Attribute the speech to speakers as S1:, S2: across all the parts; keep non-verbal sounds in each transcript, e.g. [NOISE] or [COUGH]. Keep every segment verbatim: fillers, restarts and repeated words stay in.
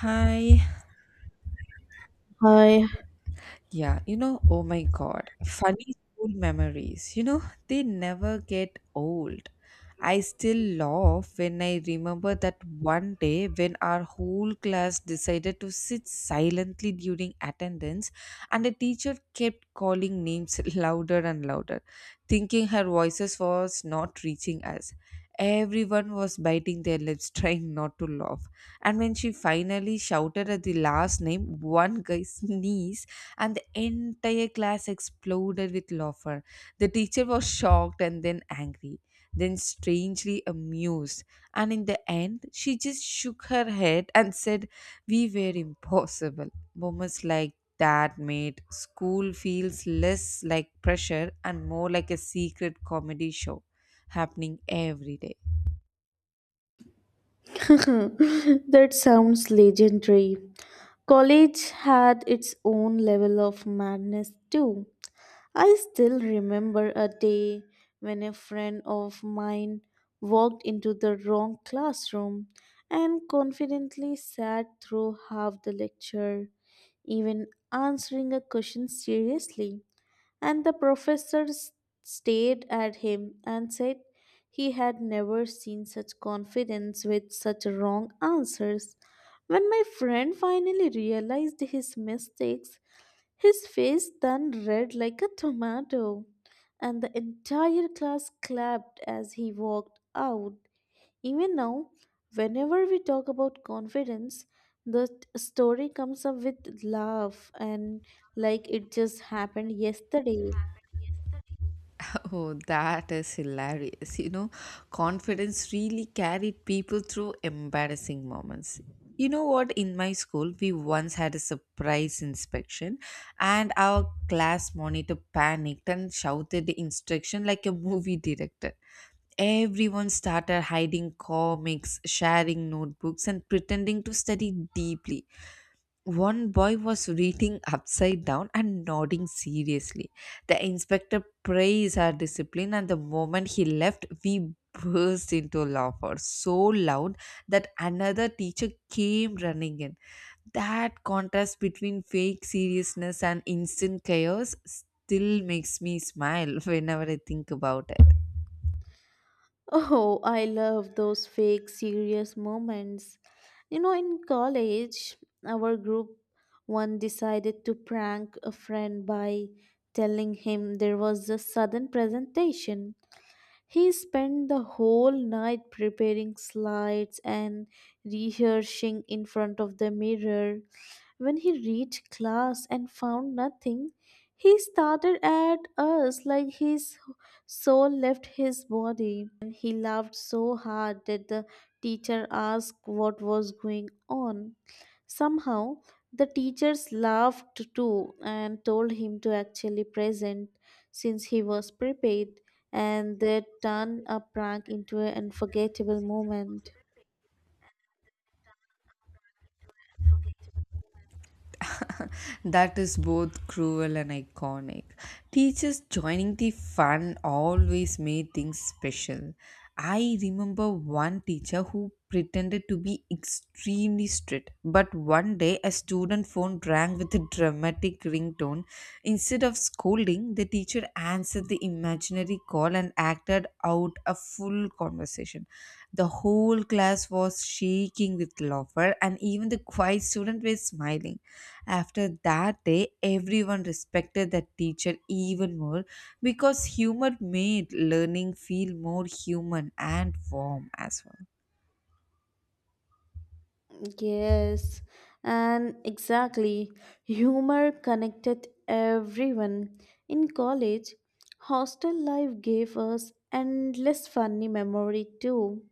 S1: Hi.
S2: I
S1: Yeah, you know, oh my God, funny school memories. You know, they never get old. I still laugh when I remember that one day when our whole class decided to sit silently during attendance, and the teacher kept calling names [LAUGHS] louder and louder, thinking her voices was not reaching us. Everyone was biting their lips, [LAUGHS] trying not to laugh. And when she finally shouted at the last name, one guy sneezed [LAUGHS] and the entire class exploded with laughter. The teacher was shocked and then angry, then strangely amused, and in the end, she just shook her head and said, we were impossible. Moments like that made school feels less like pressure and more like a secret comedy show happening every day.
S2: [LAUGHS] That sounds legendary. College had its own level of madness too. I still remember a day when a friend of mine walked into the wrong classroom and confidently sat through half the lecture, even answering a question seriously. And the professor s- stared at him and said he had never seen such confidence with such wrong answers. When my friend finally realized his mistakes, his face turned red like a tomato, and the entire class clapped as he walked out. Even now, whenever we talk about confidence, the t- story comes up with laugh and like it just happened yesterday.
S1: Oh, that is hilarious. You know, confidence really carried people through embarrassing moments. You know what? In my school, we once had a surprise inspection, and our class monitor panicked and shouted the instruction like a movie director. Everyone started hiding comics, sharing notebooks, and pretending to study deeply. One boy was reading upside down and nodding seriously. The inspector praised our discipline, and the moment he left, we burst into laughter so loud that another teacher came running in. That contrast between fake seriousness and instant chaos still makes me smile [LAUGHS] whenever I think about it.
S2: Oh, I love those fake serious moments. You know, in college, our group one decided to prank a friend by telling him there was a sudden presentation. He spent the whole night preparing slides and rehearsing in front of the mirror. When he reached class and found nothing, he stared at us like his soul left his body. And he laughed so hard that the teacher asked what was going on. Somehow, the teachers laughed too and told him to actually present since he was prepaid, and they turned a prank into an unforgettable moment.
S1: [LAUGHS] That is both cruel and iconic. Teachers joining the fun always made things special. I remember one teacher who pretended to be extremely strict, but one day a student phone rang with a dramatic ringtone. Instead of scolding, the teacher answered the imaginary call and acted out a full conversation. The whole class was shaking with laughter, and even the quiet students were smiling. After that day, everyone respected that teacher even more because humor made learning feel more human and warm as well.
S2: Yes, and exactly. Humor connected everyone. In college, hostel life gave us endless funny memory too.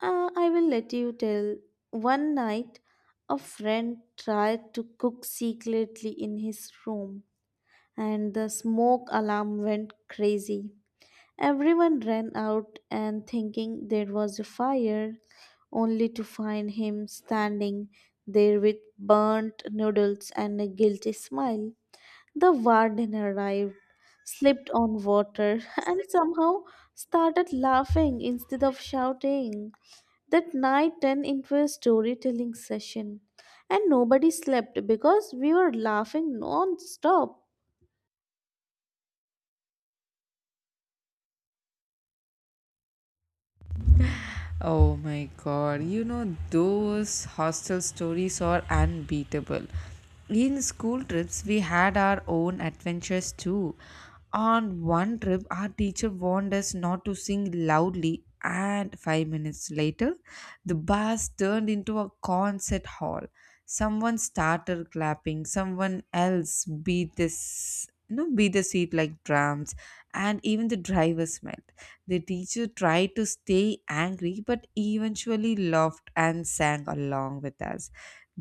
S2: Uh, I will let you tell. One night, a friend tried to cook secretly in his room, and the smoke alarm went crazy. Everyone ran out and thinking there was a fire, only to find him standing there with burnt noodles and a guilty smile. The warden arrived, slipped on water, [LAUGHS] and somehow started laughing instead of shouting. That night turned into a storytelling session, and nobody slept because we were laughing non stop.
S1: Oh my god, you know, those hostel stories are unbeatable. In school trips, we had our own adventures too. On one trip, our teacher warned us not to sing loudly, and five minutes later, the bus turned into a concert hall. Someone started clapping, someone else beat this, you know beat the seat like drums, and even the driver smiled. The teacher tried to stay angry, but eventually laughed and sang along with us.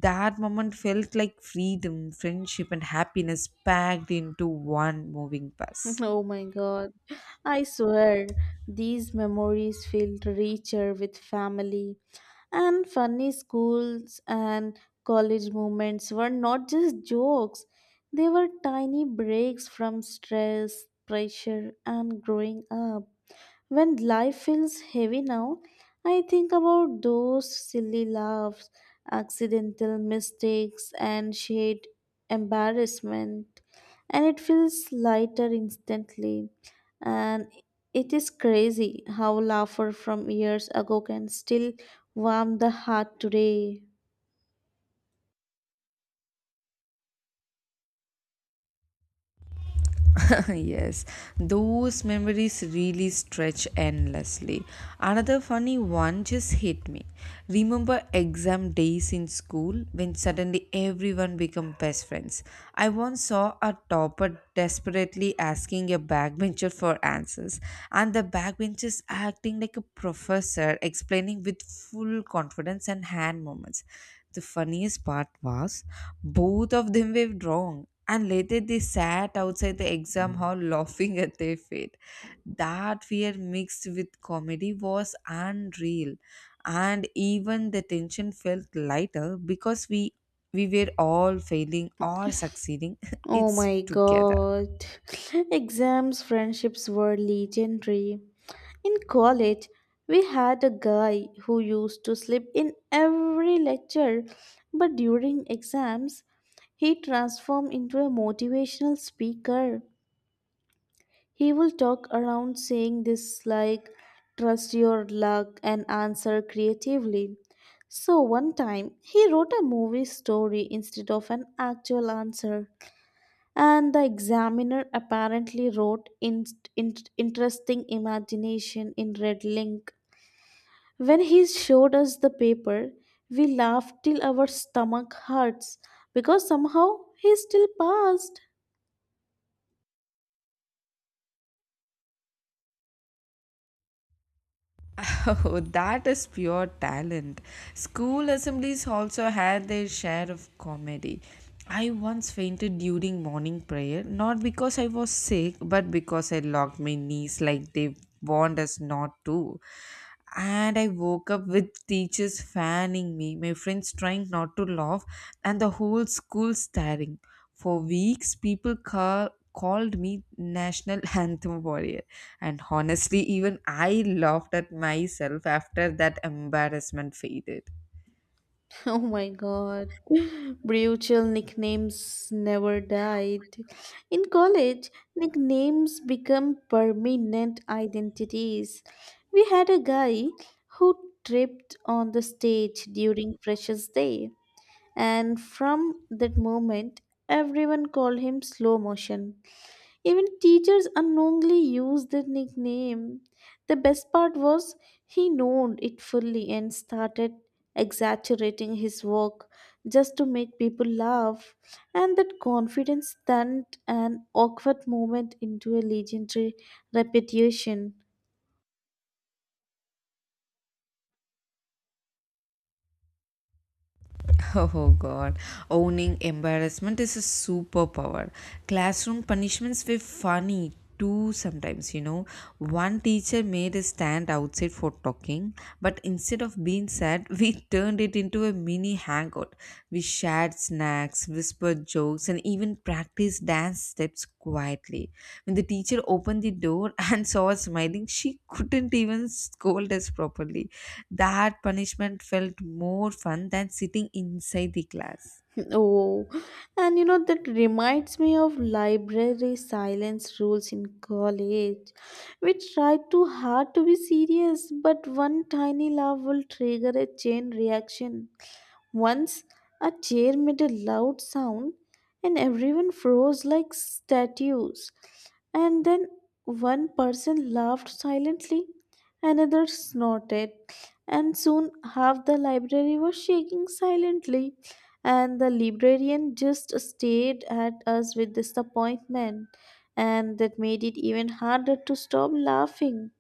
S1: That moment felt like freedom, friendship, and happiness packed into one moving bus.
S2: Oh my God. I swear, these memories feel richer with family. And funny schools and college moments were not just jokes, they were tiny breaks from stress, pressure, and growing up. When life feels heavy now, I think about those silly laughs, accidental mistakes, and shared embarrassment, and it feels lighter instantly. And it is crazy how laughter from years ago can still warm the heart today.
S1: [LAUGHS] Yes, those memories really stretch endlessly. Another funny one just hit me. Remember exam days in school when suddenly everyone become best friends. I once saw a topper desperately asking a backbencher for answers, and the backbenchers acting like a professor explaining with full confidence and hand movements. The funniest part was both of them were wrong, and later they sat outside the exam hall laughing at their fate. That fear mixed with comedy was unreal, and even the tension felt lighter because we we were all failing or succeeding. [LAUGHS]
S2: Oh
S1: It's
S2: my
S1: together.
S2: god. [LAUGHS] Exams, friendships were legendary. In college, we had a guy who used to sleep in every lecture, but during exams, he transformed into a motivational speaker. He will talk around saying this like, trust your luck and answer creatively. So one time, he wrote a movie story instead of an actual answer, and the examiner apparently wrote in, in- interesting imagination in red link. When he showed us the paper, we laughed till our stomach hurts because somehow he still passed.
S1: [LAUGHS] Oh, that is pure talent. School assemblies also had their share of comedy. I once fainted during morning prayer, not because I was sick, but because I locked my knees like they warned us not to, and I woke up with teachers fanning me, my friends trying not to laugh, and the whole school staring. For weeks, people ca- called me national [LAUGHS] anthem warrior, and honestly, even I laughed at myself after that embarrassment faded.
S2: [LAUGHS] Oh my god. Brutal nicknames never died. In college, nicknames become permanent identities. We had a guy who tripped on the stage during Freshers' Day, and from that moment, everyone called him Slow Motion. Even teachers unknowingly used the nickname. The best part was he known it fully and started exaggerating his work just to make people laugh, and that confidence turned an awkward moment into a legendary reputation.
S1: [LAUGHS] Oh god, owning embarrassment is a superpower. Classroom punishments were funny too sometimes, you know. One teacher made us stand outside for talking, but instead of being sad, we [LAUGHS] turned it into a mini hangout. We shared snacks, whispered jokes, and even practiced dance steps quietly. When the teacher opened the door [LAUGHS] and saw us smiling, she couldn't even scold us properly. That punishment felt more fun than sitting inside the class.
S2: Oh, and you know, that reminds me of library silence rules in college. We tried too hard to be serious, but one tiny laugh will trigger a chain reaction. Once a chair made a loud sound and everyone froze like statues. And then one person laughed silently, another snorted, and soon half the library was shaking silently. And the librarian just stared at us with disappointment, and that made it even harder to stop laughing.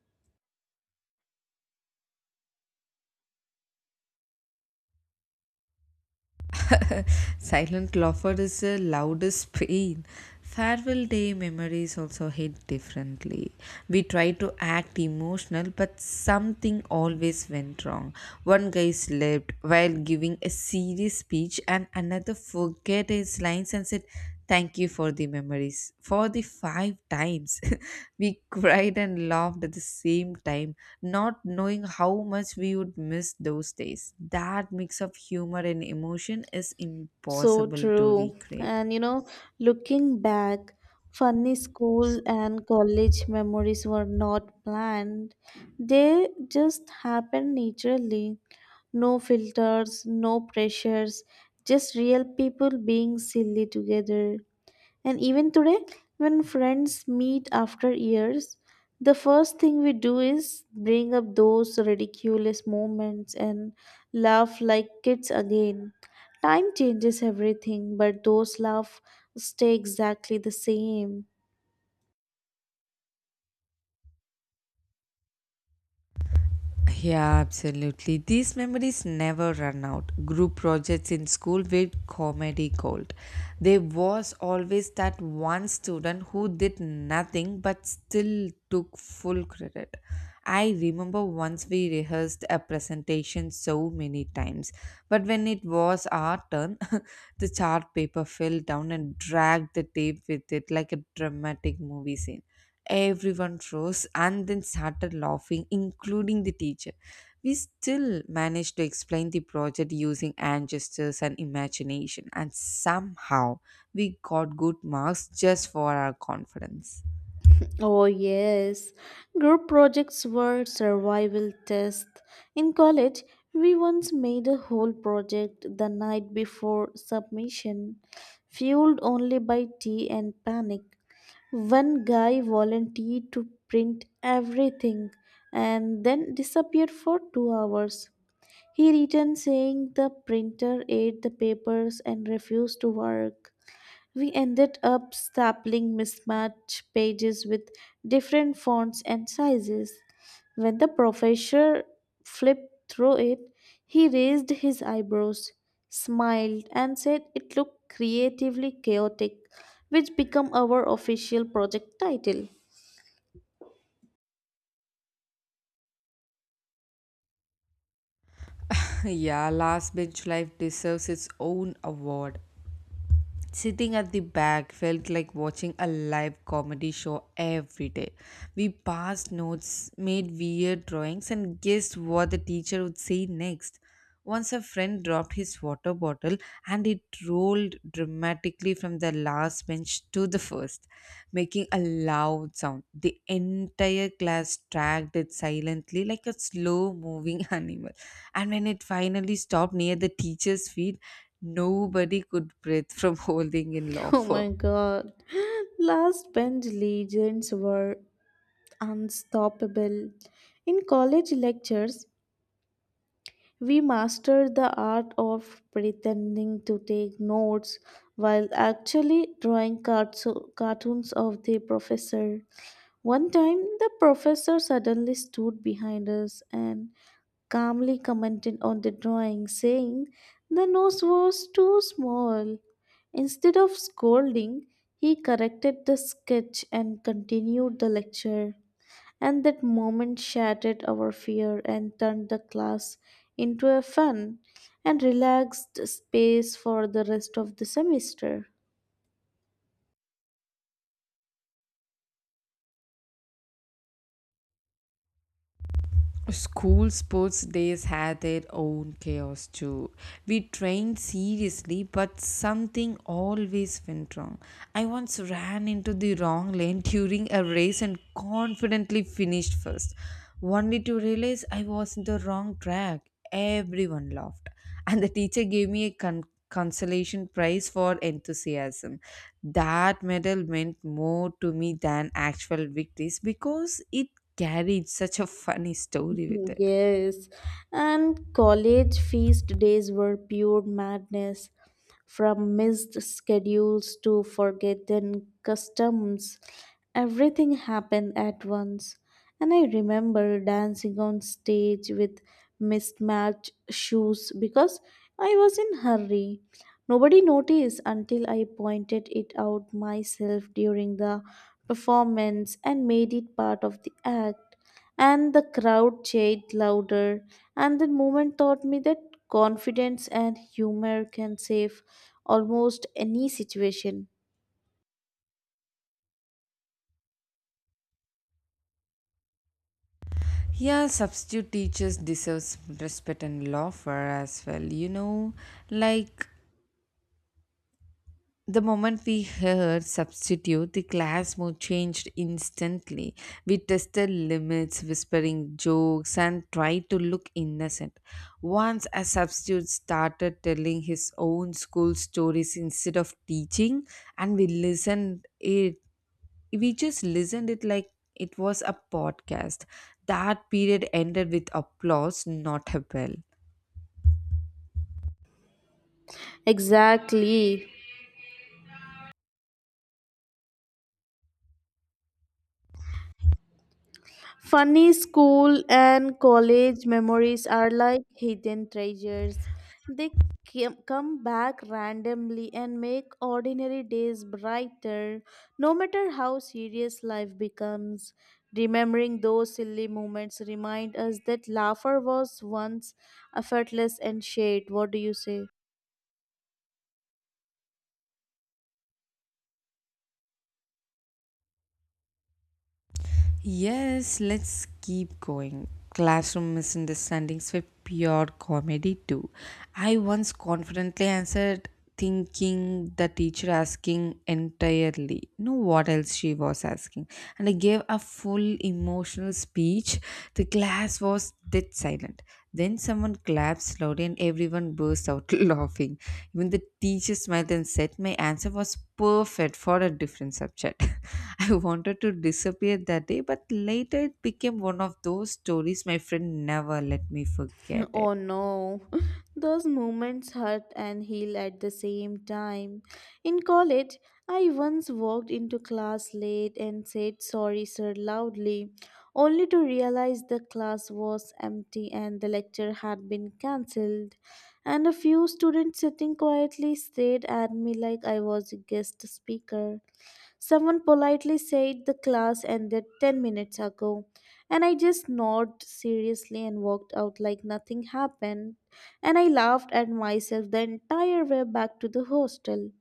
S1: [LAUGHS] Silent laughter is the loudest pain. Farewell day memories also hit differently. We tried to act emotional, but something always went wrong. One guy slept while giving a serious speech, and another forget his lines and said, thank you for the memories. For the five times, [LAUGHS] we cried and laughed at the same time, not knowing how much we would miss those days. That mix of humor and emotion is
S2: So
S1: impossible to
S2: true.
S1: recreate.
S2: And you know, looking back, funny school and college memories were not planned. They just happened naturally. No filters, no pressures, just real people being silly together. And even today, when friends meet after years, the first thing we do is bring up those ridiculous moments and laugh like kids again. Time changes everything, but those laughs stay exactly the same.
S1: Yeah, absolutely. These memories never run out. Group projects in school were comedy gold. There was always that one student who did nothing but still took full credit. I remember once we rehearsed a presentation so many times, but when it was our turn, [LAUGHS] the chart paper fell down and dragged the tape with it like a dramatic movie scene. Everyone froze and then started laughing, including the teacher. We still managed to explain the project using hand gestures and imagination, and somehow we got good marks just for our confidence.
S2: Oh, yes. Group projects were survival tests. In college, we once made a whole project the night before submission, fueled only by tea and panic. One guy volunteered to print everything and then disappeared for two hours. He returned saying the printer ate the papers and refused to work. We ended up stapling mismatched pages with different fonts and sizes. When the professor flipped through it, he raised his eyebrows, smiled, and said it looked creatively chaotic, which became our official project title. [LAUGHS]
S1: [LAUGHS] Yeah, last bench life deserves its own award. Sitting at the back felt like watching a live comedy show every day. We passed notes, made weird drawings, and guessed what the teacher would say next. Once a friend dropped his water bottle and it rolled dramatically from the last bench to the first, making a loud sound. The entire class tracked it silently like a slow moving [LAUGHS] animal. And when it finally stopped near the teacher's feet, nobody could breathe from [LAUGHS] holding in
S2: Oh
S1: laughter.
S2: my god. [LAUGHS] Last bench legends were unstoppable. In college lectures, we mastered the art of pretending to take notes while actually drawing carto- cartoons of the professor. One time, the professor suddenly stood behind us and calmly commented on the drawing, saying the nose was too small. Instead of scolding, he corrected the sketch and continued the lecture and that moment shattered our fear and turned the class into a fun and relaxed space for the rest of the semester.
S1: School sports days had their own chaos too. We trained seriously, but something always went wrong. I once ran into the wrong lane during a race and confidently finished first, only to realize I was in the wrong track. Everyone laughed, and the teacher gave me a con- consolation prize for enthusiasm. That medal meant more to me than actual victories because it carried such a funny story with
S2: Mm-hmm.
S1: it.
S2: Yes, and college feast days were pure madness. From missed schedules to forgotten customs, everything happened at once. And I remember dancing on stage with mismatched shoes because I was in hurry. Nobody noticed until I pointed it out myself during the performance and made it part of the act and the crowd cheered louder. And the moment taught me that confidence and humor can save almost any situation.
S1: Yeah, substitute teachers deserves respect and love for as well, you know like The moment we heard substitute, the class mood changed instantly. We tested limits, whispering jokes, and tried to look innocent. Once a substitute started telling his own school stories instead of teaching, and we listened it. We just listened it like it was a podcast. That period ended with applause, not a bell.
S2: Exactly. Funny school and college memories are like hidden treasures. They cam- come back randomly and make ordinary days brighter, no matter how serious life becomes. Remembering those silly moments remind us that laughter was once effortless and shared. What do you say?
S1: Yes, let's keep going. Classroom misunderstandings were pure comedy too. I once confidently answered, thinking the teacher asking entirely no what else she was asking, and I gave a full emotional speech. The class class was dead silent. Then someone clapped loudly and everyone burst out [LAUGHS] laughing. Even the teacher smiled and said my answer was perfect for a different subject. [LAUGHS] I wanted to disappear that day, but later it became one of those stories my friend never let me forget
S2: [LAUGHS] Oh
S1: it.
S2: no, [LAUGHS] those moments hurt and heal at the same time. In college, I once walked into class late and said sorry, sir, loudly, only to realize the class was empty and the lecture had been cancelled. And a few students sitting quietly stared at me like I was a guest speaker. Someone politely said the class ended ten minutes ago, and I just nodded seriously and walked out like nothing happened. And I laughed at myself the entire way back to the hostel.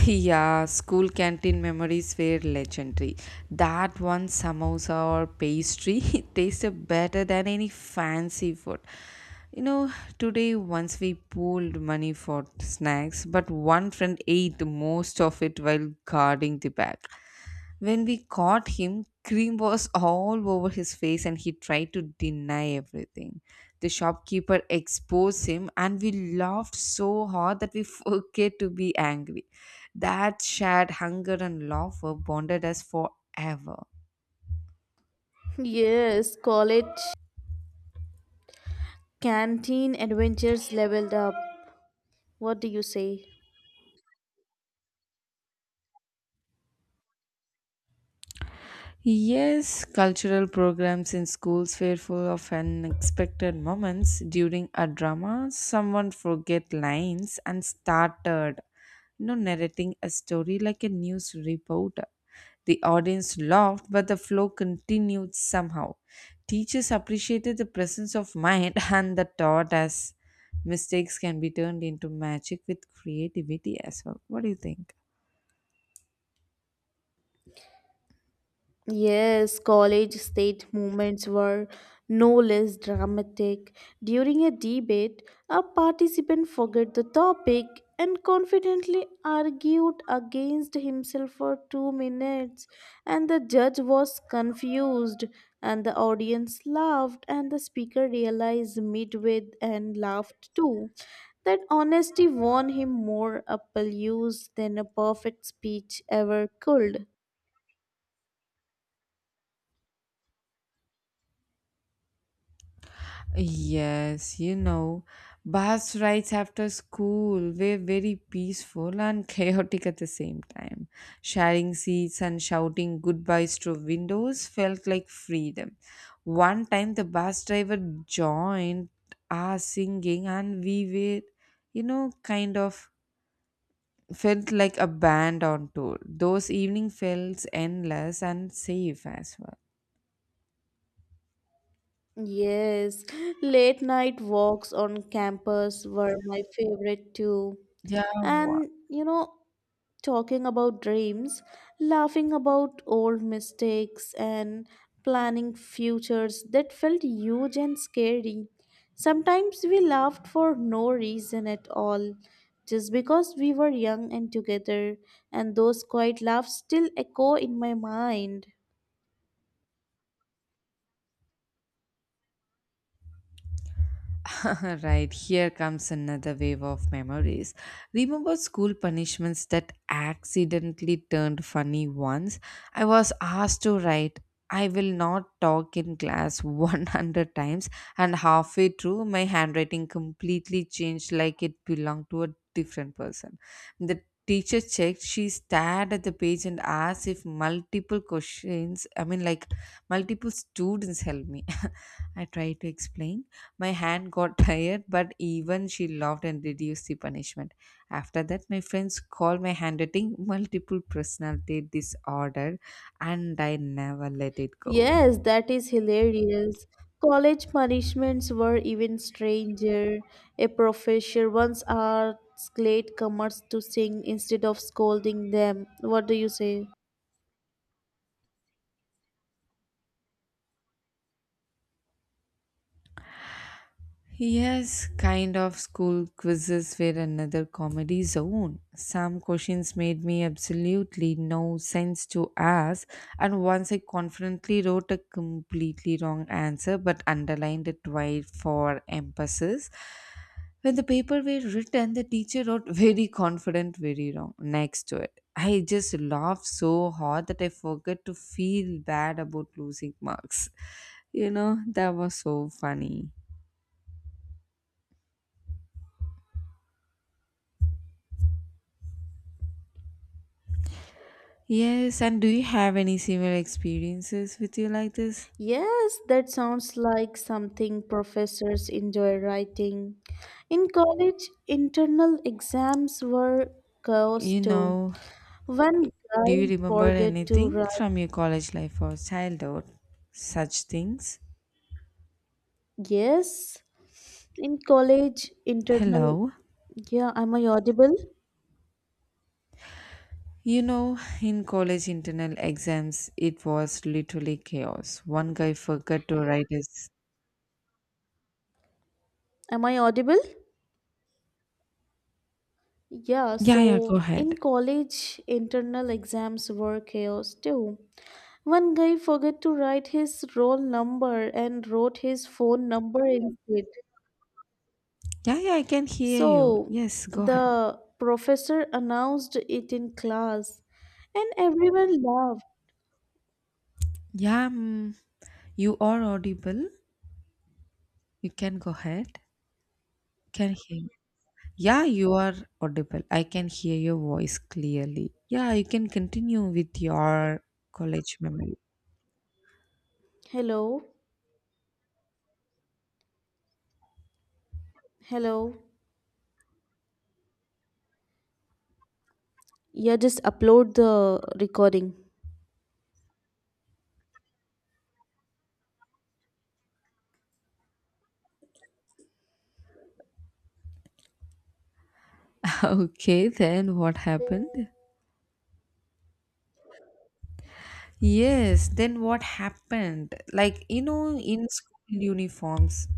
S1: [LAUGHS] Yeah, school canteen memories were legendary. That one samosa or pastry [LAUGHS] tasted better than any fancy food. You know, Today once we pooled money for snacks, but one friend ate most of it while guarding the bag. When we caught him, cream was all over his face and he tried to deny everything. The shopkeeper exposed him and we laughed so hard that we [LAUGHS] forget to be angry. That shared hunger and laughter bonded us forever.
S2: [LAUGHS] Yes, college canteen adventures leveled up. What do you say?
S1: Yes, cultural programs in schools were full of unexpected moments. During a drama, someone forget lines and started, you know, narrating a story like a news reporter. The audience laughed, but the flow continued somehow. Teachers appreciated the presence of mind [LAUGHS] and the thought as mistakes can be turned into magic with creativity as well. What do you think?
S2: Yes, college state movements were no less dramatic. During a debate, a participant forgot the topic and confidently argued against himself for two minutes. And the judge was confused, and the audience laughed, and the speaker realized midway and laughed too. That honesty won him more applause than a perfect speech ever could.
S1: Yes, you know, bus rides after school were very peaceful and [LAUGHS] chaotic at the same time. Sharing seats and shouting goodbyes through windows felt like freedom. One time the bus driver joined our singing, and we were, you know, kind of felt like a band on tour. Those evening felt endless and safe as well.
S2: Yes, late night walks on campus were my favorite too.
S1: Yeah,
S2: And you know, talking about dreams, laughing about old mistakes, and planning futures that felt huge and scary. Sometimes we laughed for no reason at all, just because we were young and together, and those quiet laughs still echo in my mind.
S1: [LAUGHS] right, here comes another wave of memories. Remember school punishments that accidentally turned funny once? I was asked to write, I will not talk in class [LAUGHS] one hundred times, and halfway through, my handwriting completely changed like it belonged to a different person. The teacher checked, she stared at the page and asked if multiple questions, I mean, like multiple students helped me. [LAUGHS] I tried to explain my hand got [LAUGHS] tired, but even she laughed and reduced the punishment. After that, my friends called my handwriting multiple personality disorder, and I never let it go.
S2: Yes, that is hilarious. College punishments were even stranger. A professor once asked late comers to sing instead of scolding them. What do you say?
S1: Yes, kind of school quizzes were another comedy zone. Some questions made me absolutely no sense to ask, and once I confidently wrote a completely wrong answer but underlined it twice for emphasis. When the paper were written, the teacher wrote very confident, very wrong next to it. I just laughed so hard that I forgot to feel bad about losing marks. You know, that was so funny. Yes, and do you have any similar experiences with you like this?
S2: Yes, that sounds like something professors enjoy writing. In college, internal exams were chaos
S1: You
S2: too.
S1: know,
S2: One
S1: do you
S2: guy
S1: remember
S2: forgot to
S1: anything
S2: write.
S1: from your college life or childhood? Such things?
S2: Yes, in college, internal.
S1: Hello?
S2: Yeah, am I audible?
S1: You know, in college internal exams, it was literally chaos. One guy forgot to write his.
S2: Am I audible? Yeah,
S1: Yeah, yeah, go
S2: so
S1: ahead.
S2: in college, internal exams were chaos too. One guy forgot to write his roll number and wrote his phone number instead.
S1: Yeah, yeah, I can hear you.
S2: So
S1: Yes, go ahead.
S2: the professor announced it in class, and everyone laughed.
S1: Yeah, mm, you are audible. You can go ahead. Can hear. Yeah, you are audible. I can hear your voice clearly. Yeah, you can continue with your college memory.
S2: Hello, hello. Yeah, just upload the recording.
S1: [LAUGHS] Okay, then what happened? Yes, then what happened? Like, you know, in school uniforms,